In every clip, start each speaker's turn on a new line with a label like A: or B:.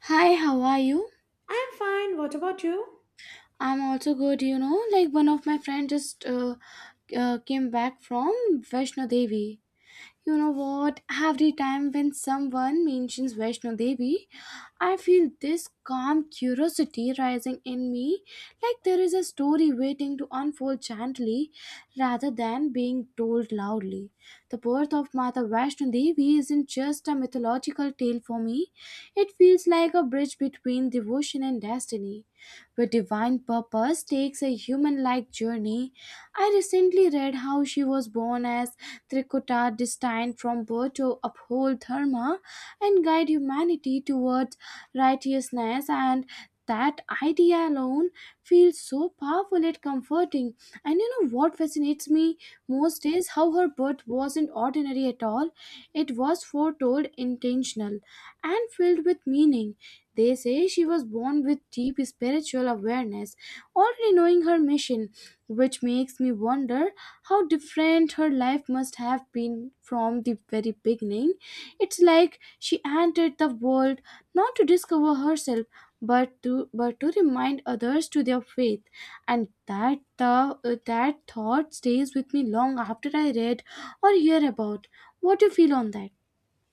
A: Hi, how are you?
B: I'm fine. What about you?
A: I'm also good, you know. Like one of my friends just came back from Vaishno Devi. You know what? Every time when someone mentions Vaishno Devi, I feel this calm curiosity rising in me, like there is a story waiting to unfold gently rather than being told loudly. The birth of Mata Vaishno Devi isn't just a mythological tale for me, it feels like a bridge between devotion and destiny, where divine purpose takes a human like journey. I recently read how she was born as Trikuta, destined from birth to uphold Dharma and guide humanity towards righteousness, and that idea alone feels so powerful and comforting. And you know what fascinates me most is how her birth wasn't ordinary at all. It was foretold, intentional, and filled with meaning. They say she was born with deep spiritual awareness, already knowing her mission, which makes me wonder how different her life must have been from the very beginning. It's like she entered the world not to discover herself but to remind others to their faith, and that the that thought stays with me long after I read or hear about. What do you feel on that?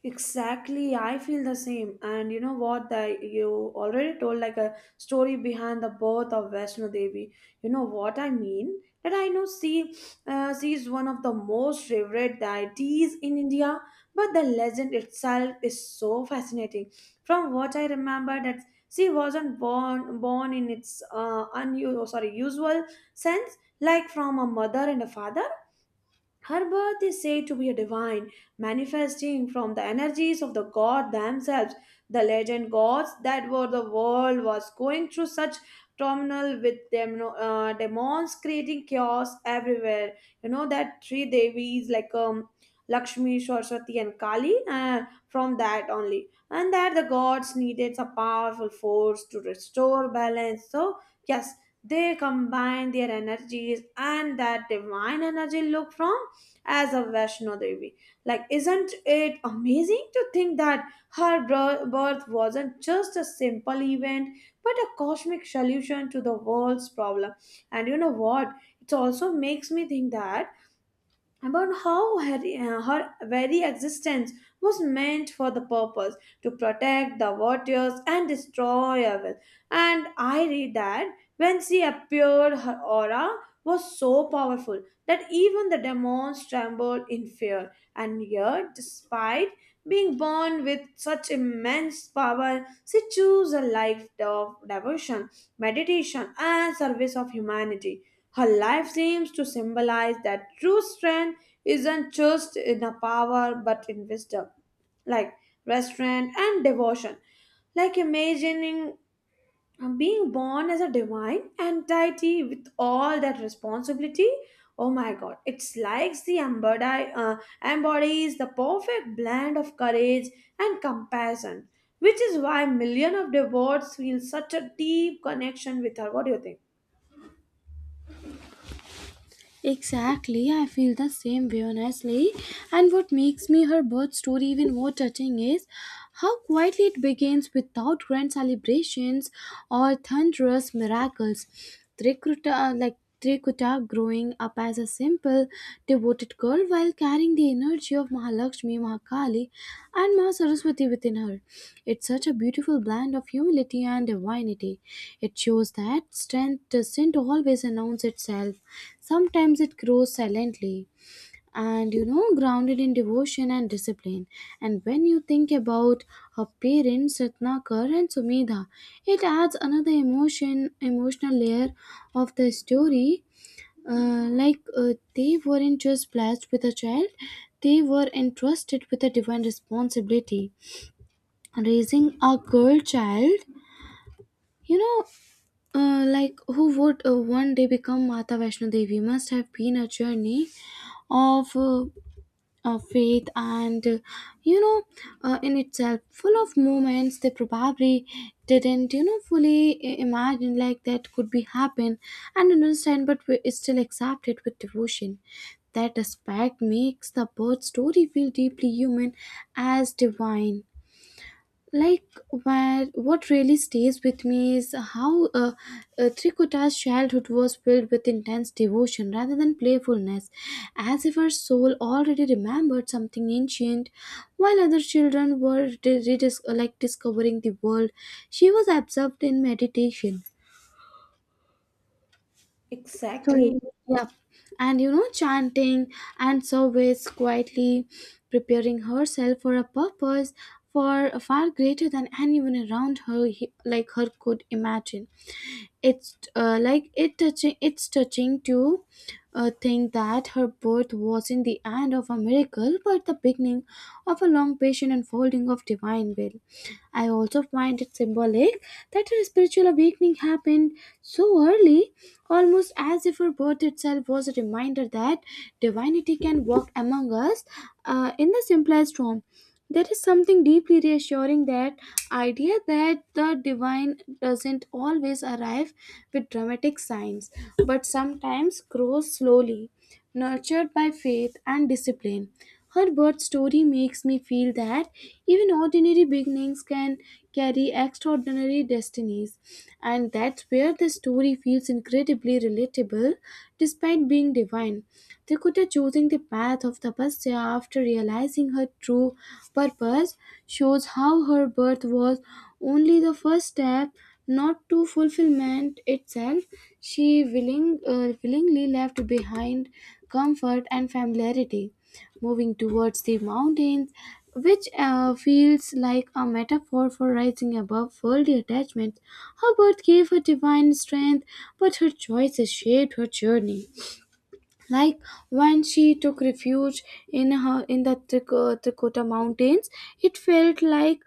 B: Exactly. I feel the same. And you know what? That you already told like a story behind the birth of Vaishno Devi. You know what I mean? That I know she is one of the most revered deities in India, but the legend itself is so fascinating. From what I remember, that she wasn't born in its unusual, sorry, usual sense, like from a mother and a father. Her birth is said to be a divine, manifesting from the energies of the god themselves. The legend gods that were the world was going through such terminal with them no, demons creating chaos everywhere. You know that three devis like Lakshmi, Saraswati, and Kali. From that only, and that the gods needed a powerful force to restore balance. So yes, they combine their energies, and that divine energy look from as a Vaishno Devi. Like, isn't it amazing to think that her birth wasn't just a simple event, but a cosmic solution to the world's problem? And you know what? It also makes me think that about how her very existence was meant for the purpose to protect the warriors and destroy evil. And I read that when she appeared, her aura was so powerful that even the demons trembled in fear. And yet, despite being born with such immense power, she chose a life of devotion, meditation, and service of humanity. Her life seems to symbolize that true strength isn't just in a power but in wisdom, like restraint and devotion. Like imagining being born as a divine and deity with all that responsibility. Oh my God, it's like embodies the perfect blend of courage and compassion, which is why millions of devotees feel such a deep connection with her. What do you think?
A: Exactly, I feel the same way honestly. And what makes me her birth story even more touching is how quietly it begins without grand celebrations or thunderous miracles. Trikuta, like Trikuta growing up as a simple people devoted girl while carrying the energy of Mahalakshmi, Mahakali, and Ma Saraswati within her. It's such a beautiful blend of humility and divinity. It shows that strength doesn't always announce itself, sometimes it grows silently. And you know, grounded in devotion and discipline. And when you think about her parents, Ratnakar and Sumedha, it adds another emotional layer of the story. They weren't just blessed with a child, they were entrusted with a divine responsibility. Raising a girl child, you know, like who would one day become Mata Vaishno Devi must have been a journey of faith and you know in itself, full of moments they probably didn't, you know, fully imagine like that could be happen and understand, but we still accept it with devotion. That aspect makes the birth story feel deeply human as divine. Like, where what really stays with me is how Trikutta's childhood was filled with intense devotion rather than playfulness, as if her soul already remembered something ancient. While other children were like discovering the world, she was absorbed in meditation, so,
B: Exactly.
A: yeah, and you know, chanting and service, quietly preparing herself for a purpose for far greater than anyone around her, like her, could imagine. It's like it touching. It's touching to think that her birth wasn't the end of a miracle, but the beginning of a long patient unfolding of divine will. I also find it symbolic that her spiritual awakening happened so early, almost as if her birth itself was a reminder that divinity can walk among us in the simplest form. There is something deeply reassuring, that idea that the divine doesn't always arrive with dramatic signs, but sometimes grows slowly, nurtured by faith and discipline. Her birth story makes me feel that even ordinary beginnings can carry extraordinary destinies, and that's where the story feels incredibly relatable despite being divine. Dakota choosing the path of tapasya after realizing her true purpose shows how her birth was only the first step, not to fulfillment itself. She willingly left behind comfort and familiarity, moving towards the mountains, which feels like a metaphor for rising above worldly attachments. Her birth gave her divine strength, but her choices shaped her journey. Like, when she took refuge in the Trikota mountains, it felt like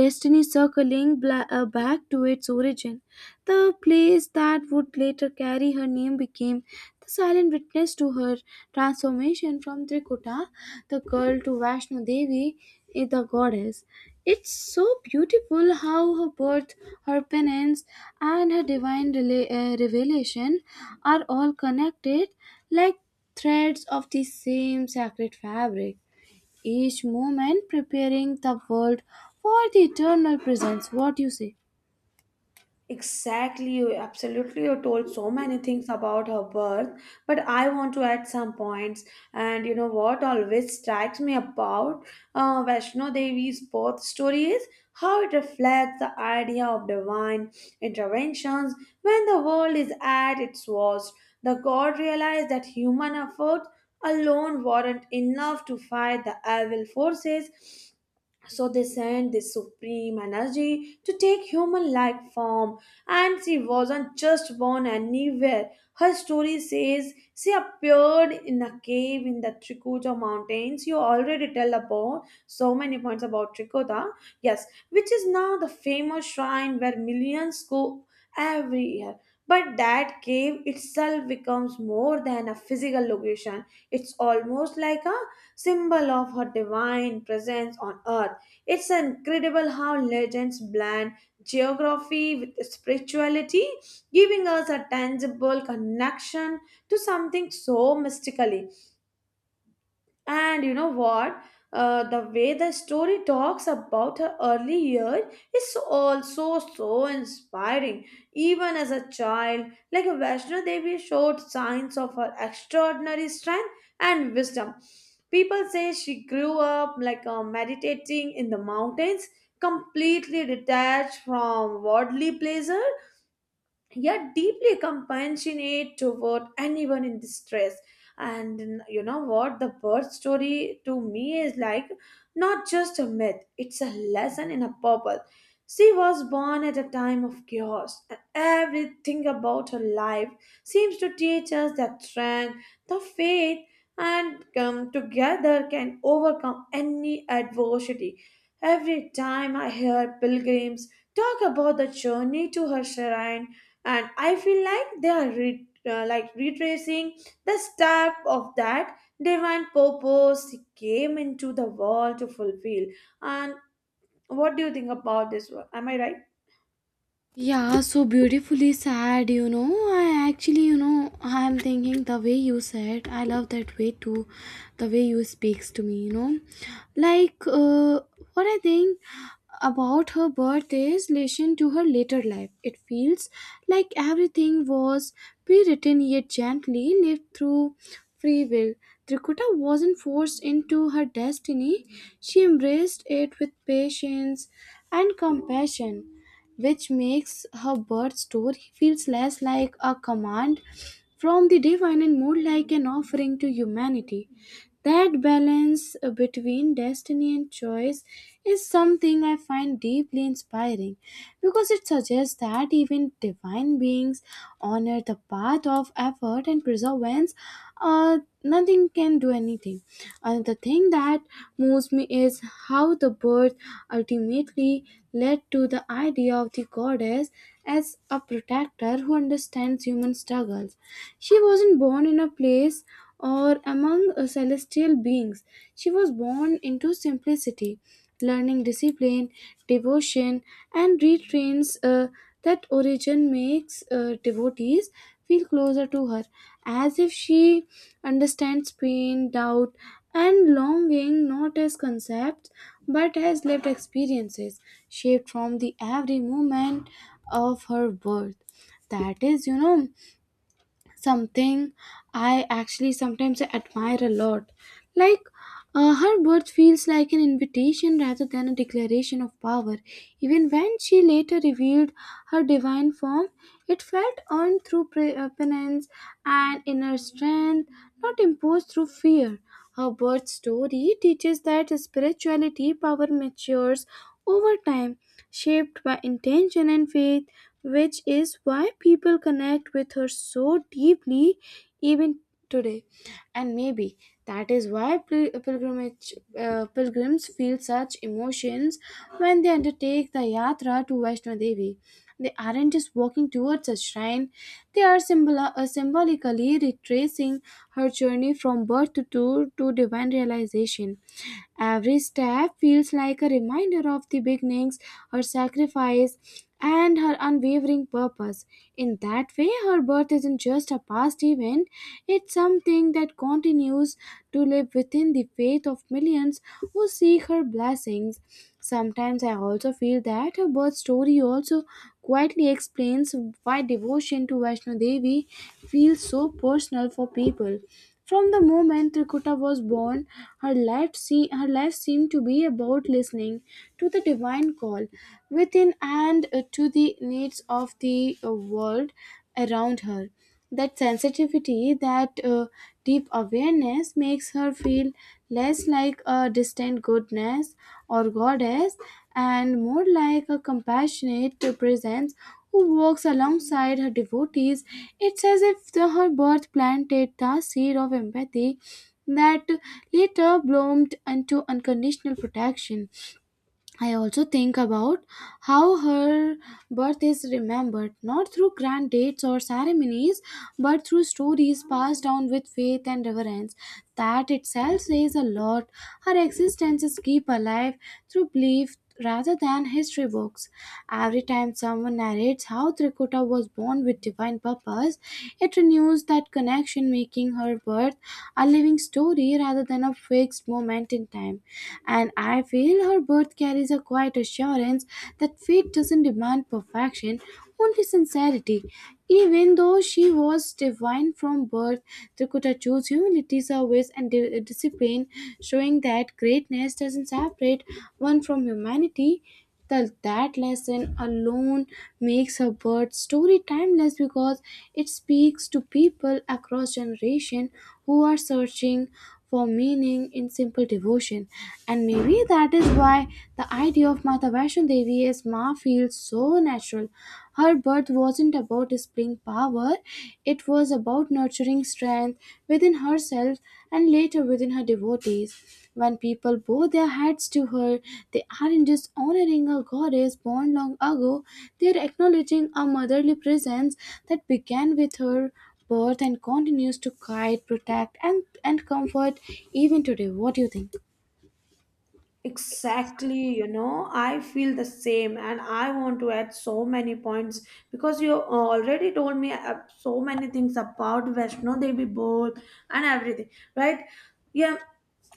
A: destiny circling back to its origin. The place that would later carry her name became the silent witness to her transformation from Trikota the girl to Vaishno Devi, the goddess. It's so beautiful how her birth, her penance, and her divine revelation are all connected like threads of the same sacred fabric, each moment preparing the world for the eternal presence. What do you say?
B: Exactly, you absolutely. You told so many things about her birth, but I want to add some points. And you know what always strikes me about Vaishno Devi's birth story is how it reflects the idea of divine interventions when the world is at its worst. The god realized that human effort alone weren't enough to fight the evil forces, so they sent this supreme energy to take human like form, and she wasn't just born anywhere. Her story says she appeared in a cave in the Trikuta mountains. You already tell about so many points about Trikuta, yes, which is now the famous shrine where millions go every year. But that cave itself becomes more than a physical location. It's almost like a symbol of her divine presence on earth. It's incredible how legends blend geography with spirituality, giving us a tangible connection to something so mystical. And you know what? The way the story talks about her early years is also so inspiring. Even as a child, like Vaishno Devi showed signs of her extraordinary strength and wisdom. People say she grew up like meditating in the mountains, completely detached from worldly pleasure yet deeply compassionate toward anyone in distress. And you know what? The birth story to me is like not just a myth, it's a lesson in a purpose. She was born at a time of chaos, and everything about her life seems to teach us that strength, the faith, and come together can overcome any adversity. Every time I hear pilgrims talk about the journey to her shrine, and I feel like they are retracing the step of that divine purpose he came into the world to fulfill. And what do you think about this one, am I right?
A: Yeah, so beautifully sad, you know. I actually, you know, I'm thinking the way you said, I love that way too, the way you speaks to me, you know. Like, what I think about her birth is relation to her later life. It feels like everything was pre-written yet gently lived through free will. Trikuta wasn't forced into her destiny. She embraced it with patience and compassion, which makes her birth story feels less like a command from the divine and more like an offering to humanity. That balance between destiny and choice is something I find deeply inspiring, because it suggests that even divine beings honor the path of effort and perseverance. Nothing can do anything. Another thing that moves me is how the birth ultimately led to the idea of the goddess as a protector who understands human struggles. She wasn't born in a place or among celestial beings. She was born into simplicity, learning discipline, devotion, and retrains. That origin makes devotees feel closer to her, as if she understands pain, doubt, and longing not as concepts but as lived experiences shaped from the every moment of her birth. That is, you know, something I actually sometimes admire a lot. Like, her birth feels like an invitation rather than a declaration of power. Even when she later revealed her divine form, it felt earned through penance and inner strength, not imposed through fear. Her birth story teaches that spirituality power matures over time, shaped by intention and faith, which is why people connect with her so deeply even today. And maybe that is why pilgrimage, pilgrims feel such emotions when they undertake the yatra to Vaishno Devi. They aren't just walking towards a shrine, they are symbolically retracing her journey from birth to, divine realization. Every step feels like a reminder of the beginnings, her sacrifice, and her unwavering purpose. In that way, her birth isn't just a past event, it's something that continues to live within the faith of millions who seek her blessings. Sometimes I also feel that her birth story also quietly explains why devotion to Vaishno Devi feels so personal for people. From the moment Trikuta was born, her her life seemed to be about listening to the divine call within and to the needs of the world around her. That sensitivity, that deep awareness makes her feel less like a distant goodness or goddess and more like a compassionate presence who walks alongside her devotees. It's as if her birth planted the seed of empathy that later bloomed into unconditional protection. I also think about how her birth is remembered not through grand dates or ceremonies but through stories passed down with faith and reverence. That itself says a lot. Her existence is kept alive through belief rather than history books. Every time someone narrates how Trikuta was born with divine purpose, it renews that connection, making her birth a living story rather than a fixed moment in time. And I feel her birth carries a quiet assurance that fate doesn't demand perfection, only sincerity. Even though she was divine from birth, Trikuta chose humility, service, and discipline, showing that greatness doesn't separate one from humanity. That lesson alone makes her birth story timeless, because it speaks to people across generation who are searching for meaning in simple devotion. And maybe that is why the idea of Mata Vaishno Devi as Ma feels so natural. Her birth wasn't about displaying power, it was about nurturing strength within herself and later within her devotees. When people bow their heads to her, they aren't just honoring a goddess born long ago, they are acknowledging a motherly presence that began with her birth and continues to guide, protect, and comfort even today. What do you think?
B: Exactly, you know, I feel the same, and I want to add so many points because you already told me so many things about Vaishno Devi both and everything, right? Yeah,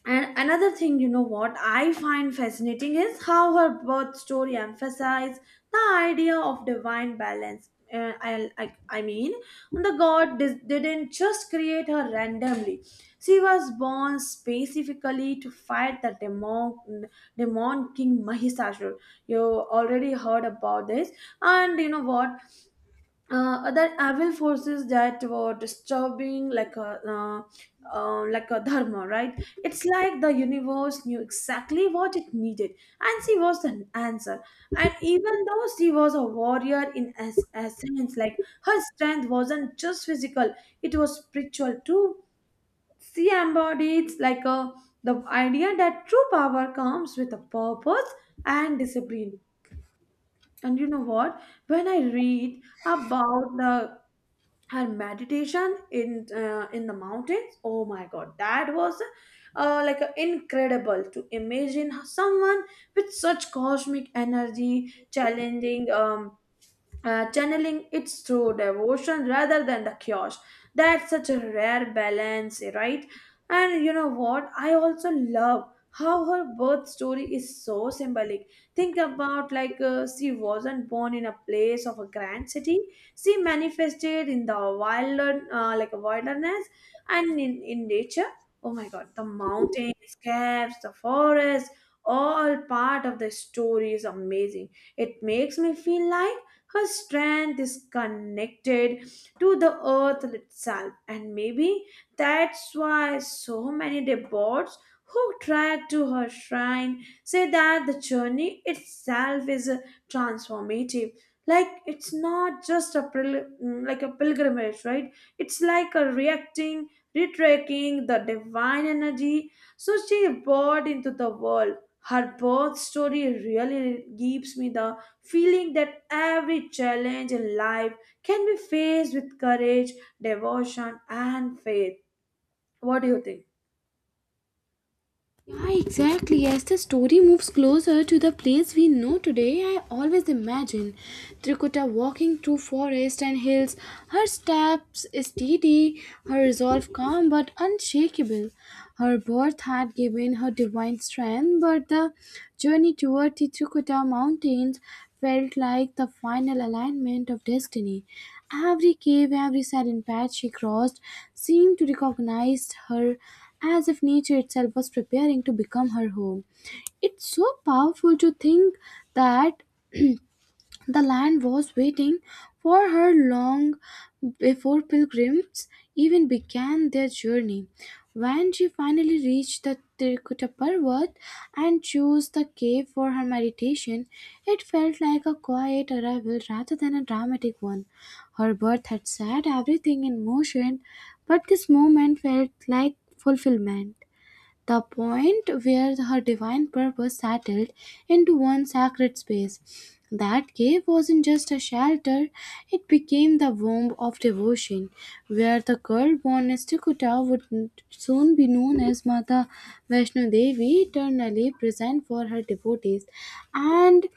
B: and another thing, you know what I find fascinating is how her birth story emphasized the idea of divine balance. I mean, the God didn't just create her randomly. She was born specifically to fight demon king Mahishasur. You already heard about this, and you know what? Other evil forces that were disturbing, like a dharma, right? It's like the universe knew exactly what it needed, and she was the answer. And even though she was a warrior in essence, like her strength wasn't just physical; it was spiritual too. She embodies like a the idea that true power comes with a purpose and discipline. And you know what? When I read about the her meditation in the mountains, oh my God, that was like a incredible to imagine someone with such cosmic energy challenging channeling it through devotion rather than the chaos. That's such a rare balance, right? And you know what? I also love how her birth story is so symbolic. Think about like she wasn't born in a place of a grand city. She manifested in the wilder, like a wilderness, and in nature. Oh my God! The mountains, caves, the forest, all part of the story is amazing. It makes me feel like her strength is connected to the earth itself, and maybe that's why so many devotees who track to her shrine say that the journey itself is transformative. Like it's not just a a pilgrimage, right? It's like a reacting, retracking the divine energy. So she brought into the world. Her birth story really gives me the feeling that every challenge in life can be faced with courage, devotion, and faith. What do you think?
A: Yeah, exactly. As the story moves closer to the place we know today, I always imagine Trikuta walking through forest and hills, her steps steady, her resolve calm but unshakable. Her birth had given her divine strength, but the journey toward the Trikuta mountains felt like the final alignment of destiny. Every cave, every silent path she crossed seemed to recognize her as if nature itself was preparing to become her home. It's so powerful to think that the land was waiting for her long before pilgrims even began their journey. When she finally reached the Tirkutta Parvat and chose the cave for her meditation, it felt like a quiet arrival rather than a dramatic one. Her birth had set everything in motion, but this moment felt like fulfillment, the point where her divine purpose settled into one sacred space. That cave wasn't just a shelter, it became the womb of devotion, where the girl born as Tikuta would soon be known as Mata Vaishno Devi, eternally present for her devotees. And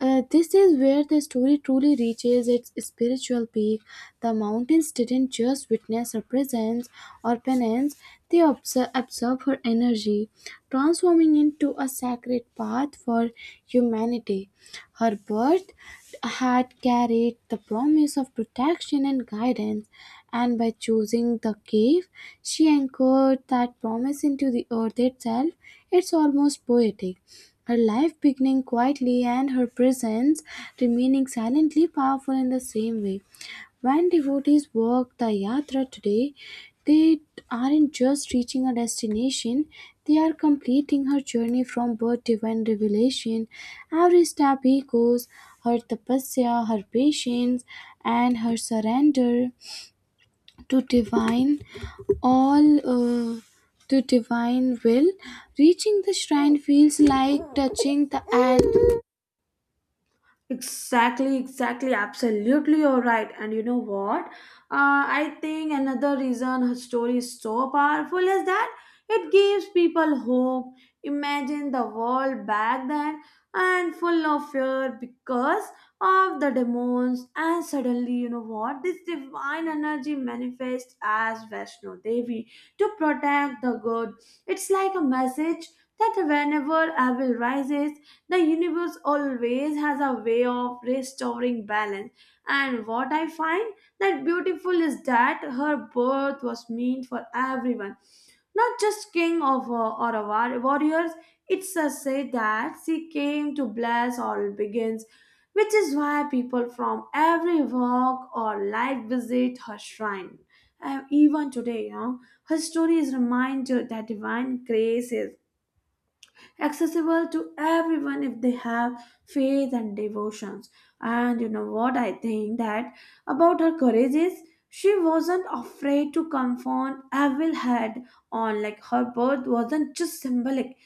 A: This is where the story truly reaches its spiritual peak. The mountains didn't just witness her presence or penance, they absorb her energy, transforming into a sacred path for humanity. Her birth had carried the promise of protection and guidance, and by choosing the cave, she anchored that promise into the earth itself. It's almost poetic. Her life beginning quietly and her presence remaining silently powerful in the same way. When devotees walk the yatra today, they aren't just reaching a destination, they are completing her journey from birth to divine revelation. Every step echoes her tapasya, her patience, and her surrender to divine all uh, to divine will, reaching the shrine feels like touching the end.
B: Exactly, exactly, absolutely, you're right. And you know what? I think another reason her story is so powerful is that it gives people hope. Imagine the world back then and full of fear because of the demons, and suddenly, you know what? This divine energy manifests as Vaishno Devi to protect the good. It's like a message that whenever evil rises, the universe always has a way of restoring balance, and what I find that beautiful is that her birth was meant for everyone, not just king of warriors. It's a say that she came to bless all beings, which is why people from every walk or life visit her shrine. And even today, you know, her story is reminder that divine grace is accessible to everyone if they have faith and devotions. And you know what I think that about her courage is she wasn't afraid to confront evil head on. Like her birth wasn't just symbolic.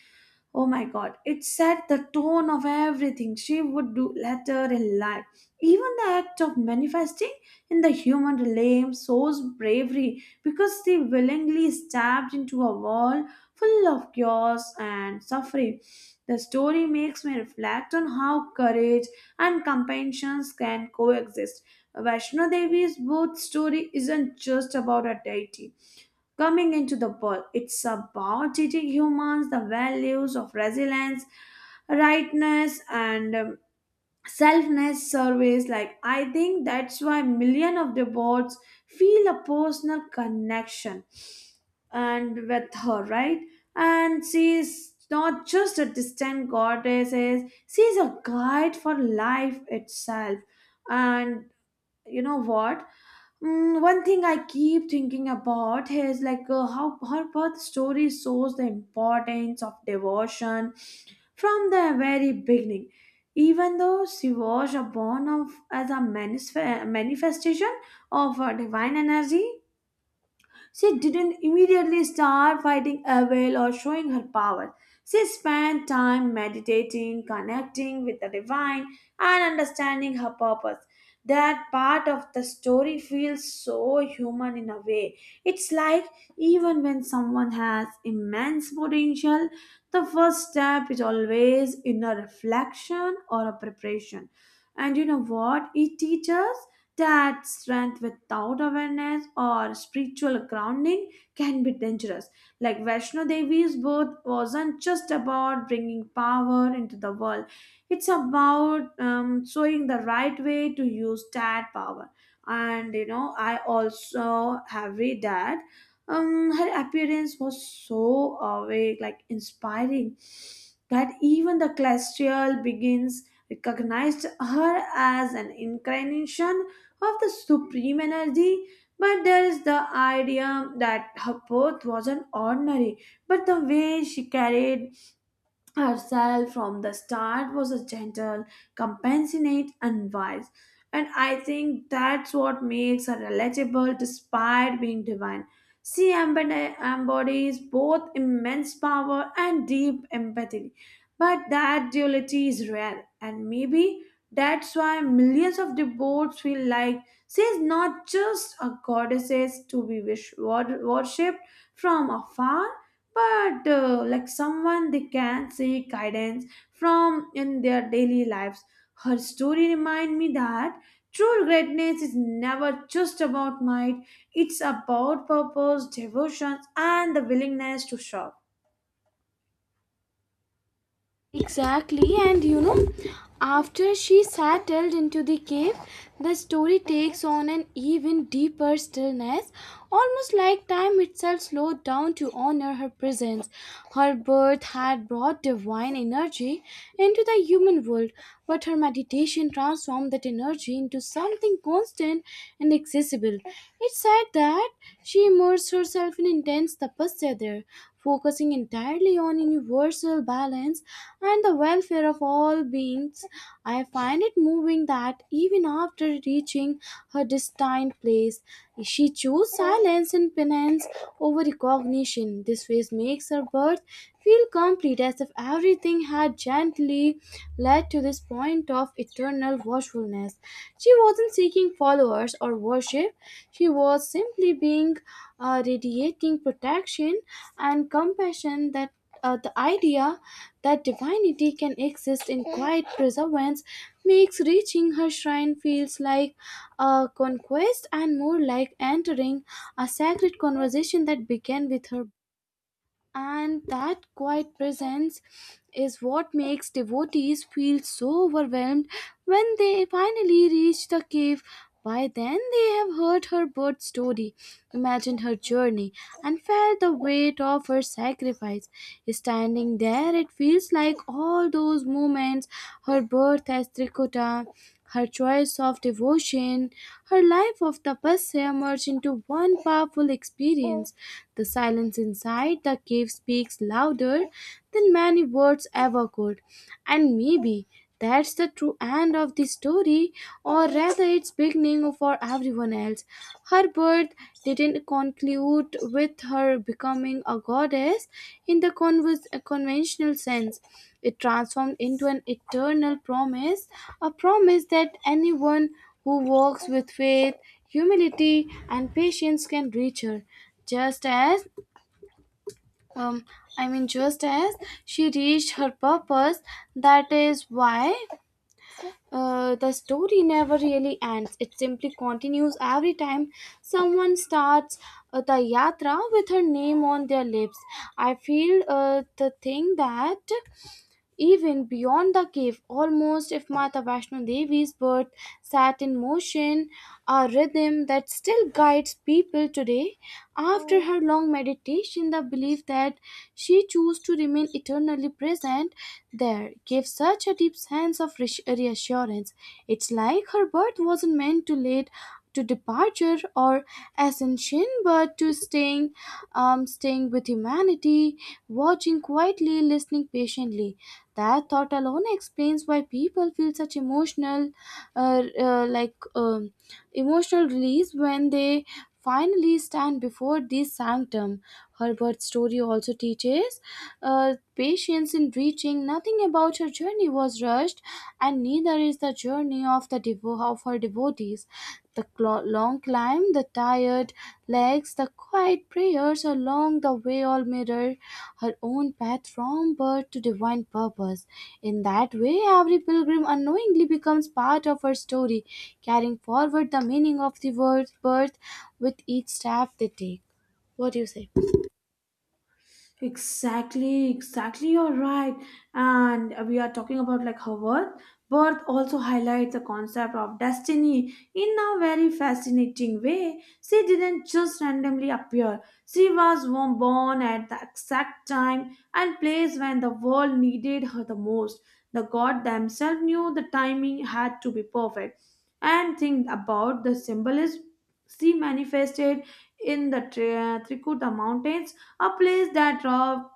B: Oh my God, it set the tone of everything she would do later in life. Even the act of manifesting in the human realm shows bravery because she willingly stepped into a wall full of chaos and suffering. The story makes me reflect on how courage and compassion can coexist. Vaishno Devi's birth story isn't just about a deity coming into the world, it's about teaching humans the values of resilience, rightness, and selfness surveys. Like I think that's why million of the bots feel a personal connection and with her, right? And she's not just a distant goddess, is she's a guide for life itself. And you know what? One thing I keep thinking about is like how her birth story shows the importance of devotion from the very beginning. Even though she was born of, as a manifestation of divine energy, she didn't immediately start fighting evil or showing her power. She spent time meditating, connecting with the divine, and understanding her purpose. That part of the story feels so human in a way. It's like even when someone has immense potential, the first step is always in a reflection or a preparation. And you know what? It teaches that strength without awareness or spiritual grounding can be dangerous. Like Vaishno Devi's birth wasn't just about bringing power into the world, it's about showing the right way to use that power. And you know, I also have read that her appearance was so awake, like inspiring, that even the celestial begins recognized her as an incarnation of the supreme energy, but there is the idea that her birth wasn't ordinary, but the way she carried herself from the start was a gentle, compassionate, and wise. And I think that's what makes her relatable despite being divine. She embodies both immense power and deep empathy. But that duality is rare, and maybe that's why millions of devotees feel like she is not just a goddess to be worshipped from afar but like someone they can seek guidance from in their daily lives. Her story remind me that true greatness is never just about might; it's about purpose, devotion, and the willingness to serve.
A: Exactly, and you know, after she settled into the cave, the story takes on an even deeper stillness, almost like time itself slowed down to honor her presence. Her birth had brought divine energy into the human world, but her meditation transformed that energy into something constant and accessible. It said that she immersed herself in intense tapasya there, focusing entirely on universal balance and the welfare of all beings. I find it moving that even after reaching her destined place, she chose silence and penance over recognition. This phase makes her birth feel complete as if everything had gently led to this point of eternal watchfulness. She wasn't seeking followers or worship, she was simply being, radiating protection and compassion that. The idea that divinity can exist in quiet preservance makes reaching her shrine feels like a conquest and more like entering a sacred conversation that began with her, and that quiet presence is what makes devotees feel so overwhelmed when they finally reach the cave. By then, they have heard her birth story, imagined her journey, and felt the weight of her sacrifice. Standing there, it feels like all those moments, her birth as Trikota, her choice of devotion, her life of tapasya merge into one powerful experience. The silence inside the cave speaks louder than many words ever could. And maybe that's the true end of the story, or rather, its beginning for everyone else. Her birth didn't conclude with her becoming a goddess in the conventional sense. It transformed into an eternal promise, a promise that anyone who walks with faith, humility, and patience can reach her. Just as, um, I mean, just as she reached her purpose, that is why. The story never really ends. It simply continues every time someone starts the yatra with her name on their lips. I feel the thing that even beyond the cave, almost if Mata Vaishno Devi's birth sat in motion, a rhythm that still guides people today. After her long meditation, the belief that she chose to remain eternally present there gave such a deep sense of reassurance. It's like her birth wasn't meant to lead to departure or ascension, but to staying, staying with humanity, watching quietly, listening patiently. That thought alone explains why people feel such emotional, uh, uh, like um, emotional release when they finally stand before this sanctum. Herbert's story also teaches patience in reaching. Nothing about her journey was rushed, and neither is the journey of her devotees. The long climb, the tired legs, the quiet prayers along the way all mirror her own path from birth to divine purpose. In that way, every pilgrim unknowingly becomes part of her story, carrying forward the meaning of the word's birth with each step they take. What do you say?
B: Exactly, exactly. You're right. And we are talking about like her worth. Birth also highlights the concept of destiny in a very fascinating way. She didn't just randomly appear. She was born at the exact time and place when the world needed her the most. The god themselves knew the timing had to be perfect. And think about the symbolism she manifested in the Trikuta mountains, a place that raw,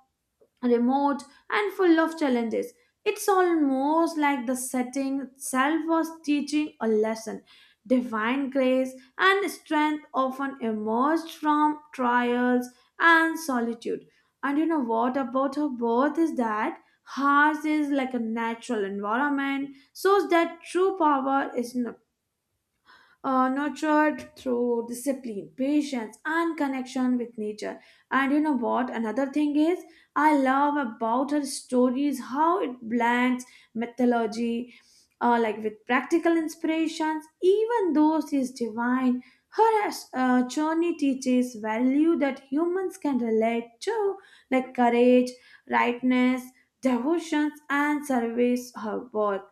B: remote, and full of challenges. It's almost like the setting itself was teaching a lesson. Divine grace and strength often emerged from trials and solitude. And you know what about her birth is that hers is like a natural environment, so that true power is not nurtured through discipline, patience, and connection with nature. And you know what? Another thing is, I love about her stories how it blends mythology, like with practical inspirations. Even though she is divine, her journey teaches value that humans can relate to, like courage, rightness, devotions, and service. Her worth,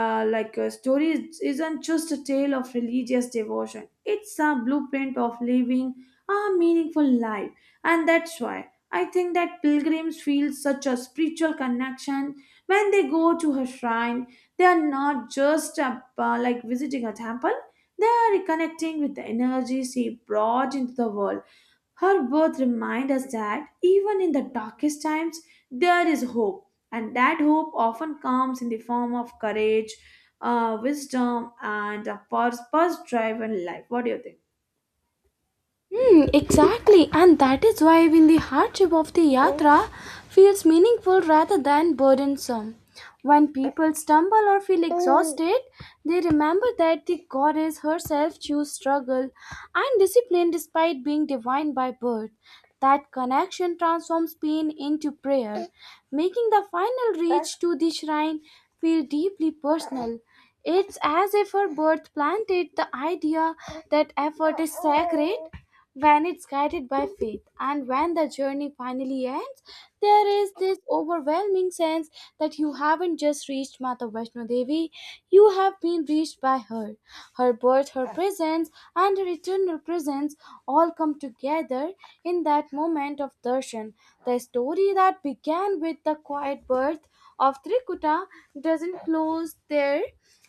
B: like a story, is- not just a tale of religious devotion, it's a blueprint of living a meaningful life, and that's why I think that pilgrims feel such a spiritual connection when they go to a shrine. They are not just like visiting a temple, they are reconnecting with the energy she brought into the world. Her birth reminds us that even in the darkest times, there is hope, and that hope often comes in the form of courage, wisdom, and a purpose driven life. What do you think?
A: Hmm, exactly, and that is why even the hardship of the yatra feels meaningful rather than burdensome. When people stumble or feel exhausted, they remember that the goddess herself chose struggle and discipline despite being divine by birth. That connection transforms pain into prayer, making the final reach to the shrine feel deeply personal. It's as if her birth planted the idea that effort is sacred when it's guided by faith. And when the journey finally ends, there is this overwhelming sense that you haven't just reached Mata Vaishno Devi, you have been reached by her. Her birth, her presence, and her eternal presence all come together in that moment of darshan. The story that began with the quiet birth of Trikuta doesn't close there.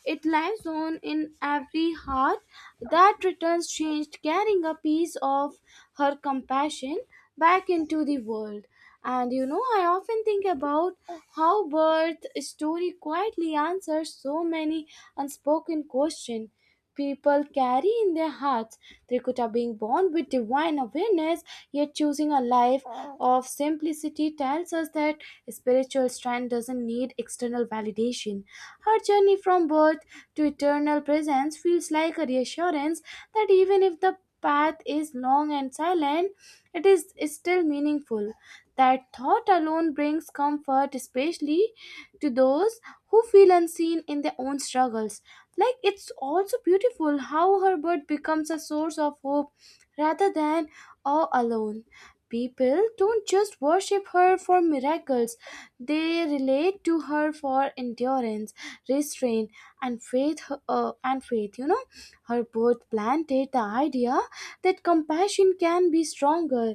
A: It lives on in every heart that returns changed, carrying a piece of her compassion back into the world. And you know, I often think about how birth story quietly answers so many unspoken questions people carry in their hearts. Trikuta being born with divine awareness, yet choosing a life of simplicity, tells us that spiritual strength doesn't need external validation. Her journey from birth to eternal presence feels like a reassurance that even if the path is long and silent, it is still meaningful. That thought alone brings comfort, especially to those who feel unseen in their own struggles. Like it's also beautiful how her birth becomes a source of hope rather than all alone. People don't just worship her for miracles, they relate to her for endurance, restraint, and faith. And faith, you know, her birth planted the idea that compassion can be stronger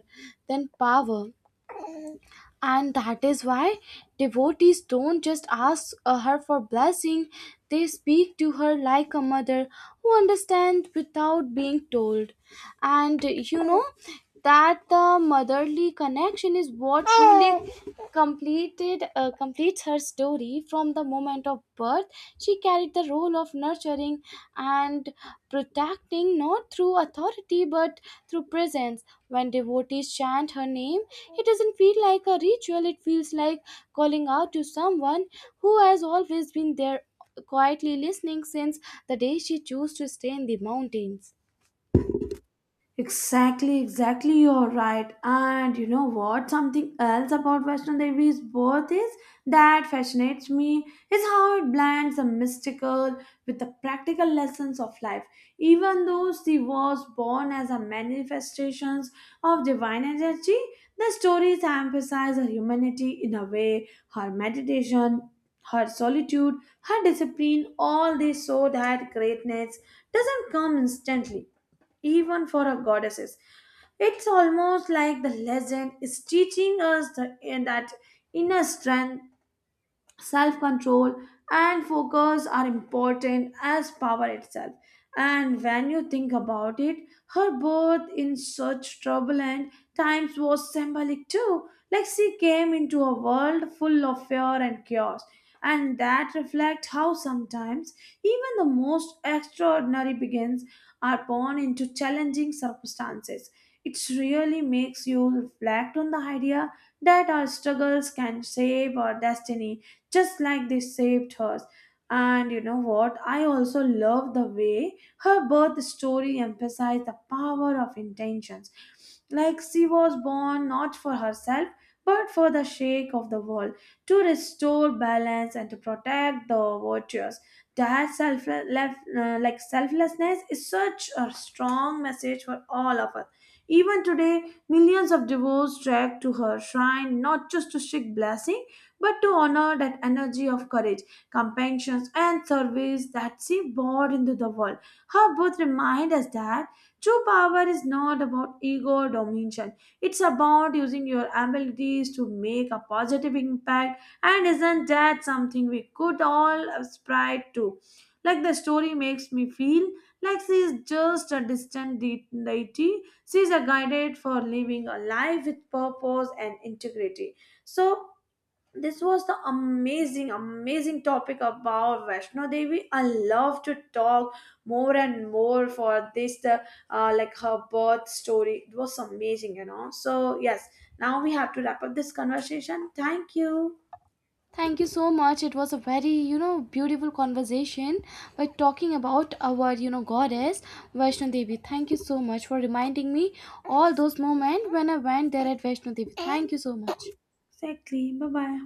A: than power, and that is why devotees don't just ask her for blessing, they speak to her like a mother who understands without being told. And you know, that the motherly connection is what truly completed completes it's her story from the moment of birth. She carried the role of nurturing and protecting not through authority but through presence. When devotees chant her name, it doesn't feel like a ritual, it feels like calling out to someone who has always been there, quietly listening since the day she chose to stay in the mountains.
B: Exactly, exactly, you're right. And you know what? Something else about Vaishno Devi's birth is that fascinates me is how it blends the mystical with the practical lessons of life. Even though she was born as a manifestations of divine energy, the stories emphasize her humanity in a way, her meditation, her solitude, her discipline, all this so that greatness doesn't come instantly even for our goddesses. It's almost like the legend is teaching us the, that inner strength, self control, and focus are important as power itself. And when you think about it, her birth in such turbulent times was symbolic too. Like she came into a world full of fear and chaos, and that reflects how sometimes even the most extraordinary beings are born into challenging circumstances. It really makes you reflect on the idea that our struggles can shape our destiny, just like they saved hers. And you know what? I also love the way her birth story emphasized the power of intentions. Like she was born not for herself but for the shake of the world, to restore balance and to protect the virtues. That self, like selflessness, is such a strong message for all of us. Even today, millions of devotees trek to her shrine, not just to seek blessing but to honor that energy of courage, compassion, and service that she brought into the world. Her birth reminds us that true power is not about ego or domination. It's about using your abilities to make a positive impact, and isn't that something we could all aspire to? Like the story makes me feel like she is just a distant deity. She is a guided for living a life with purpose and integrity. So this was the amazing topic about Vaishno Devi. I love to talk more and more for this the like her birth story, it was amazing, you know, so yes, now we have to wrap up this conversation. Thank you.
A: Thank you so much. It was a very, you know, beautiful conversation by talking about our, you know, goddess Vaishno Devi. Thank you so much for reminding me all those moments when I went there at Vaishno Devi. Thank you so much.
B: Exactly, bye bye.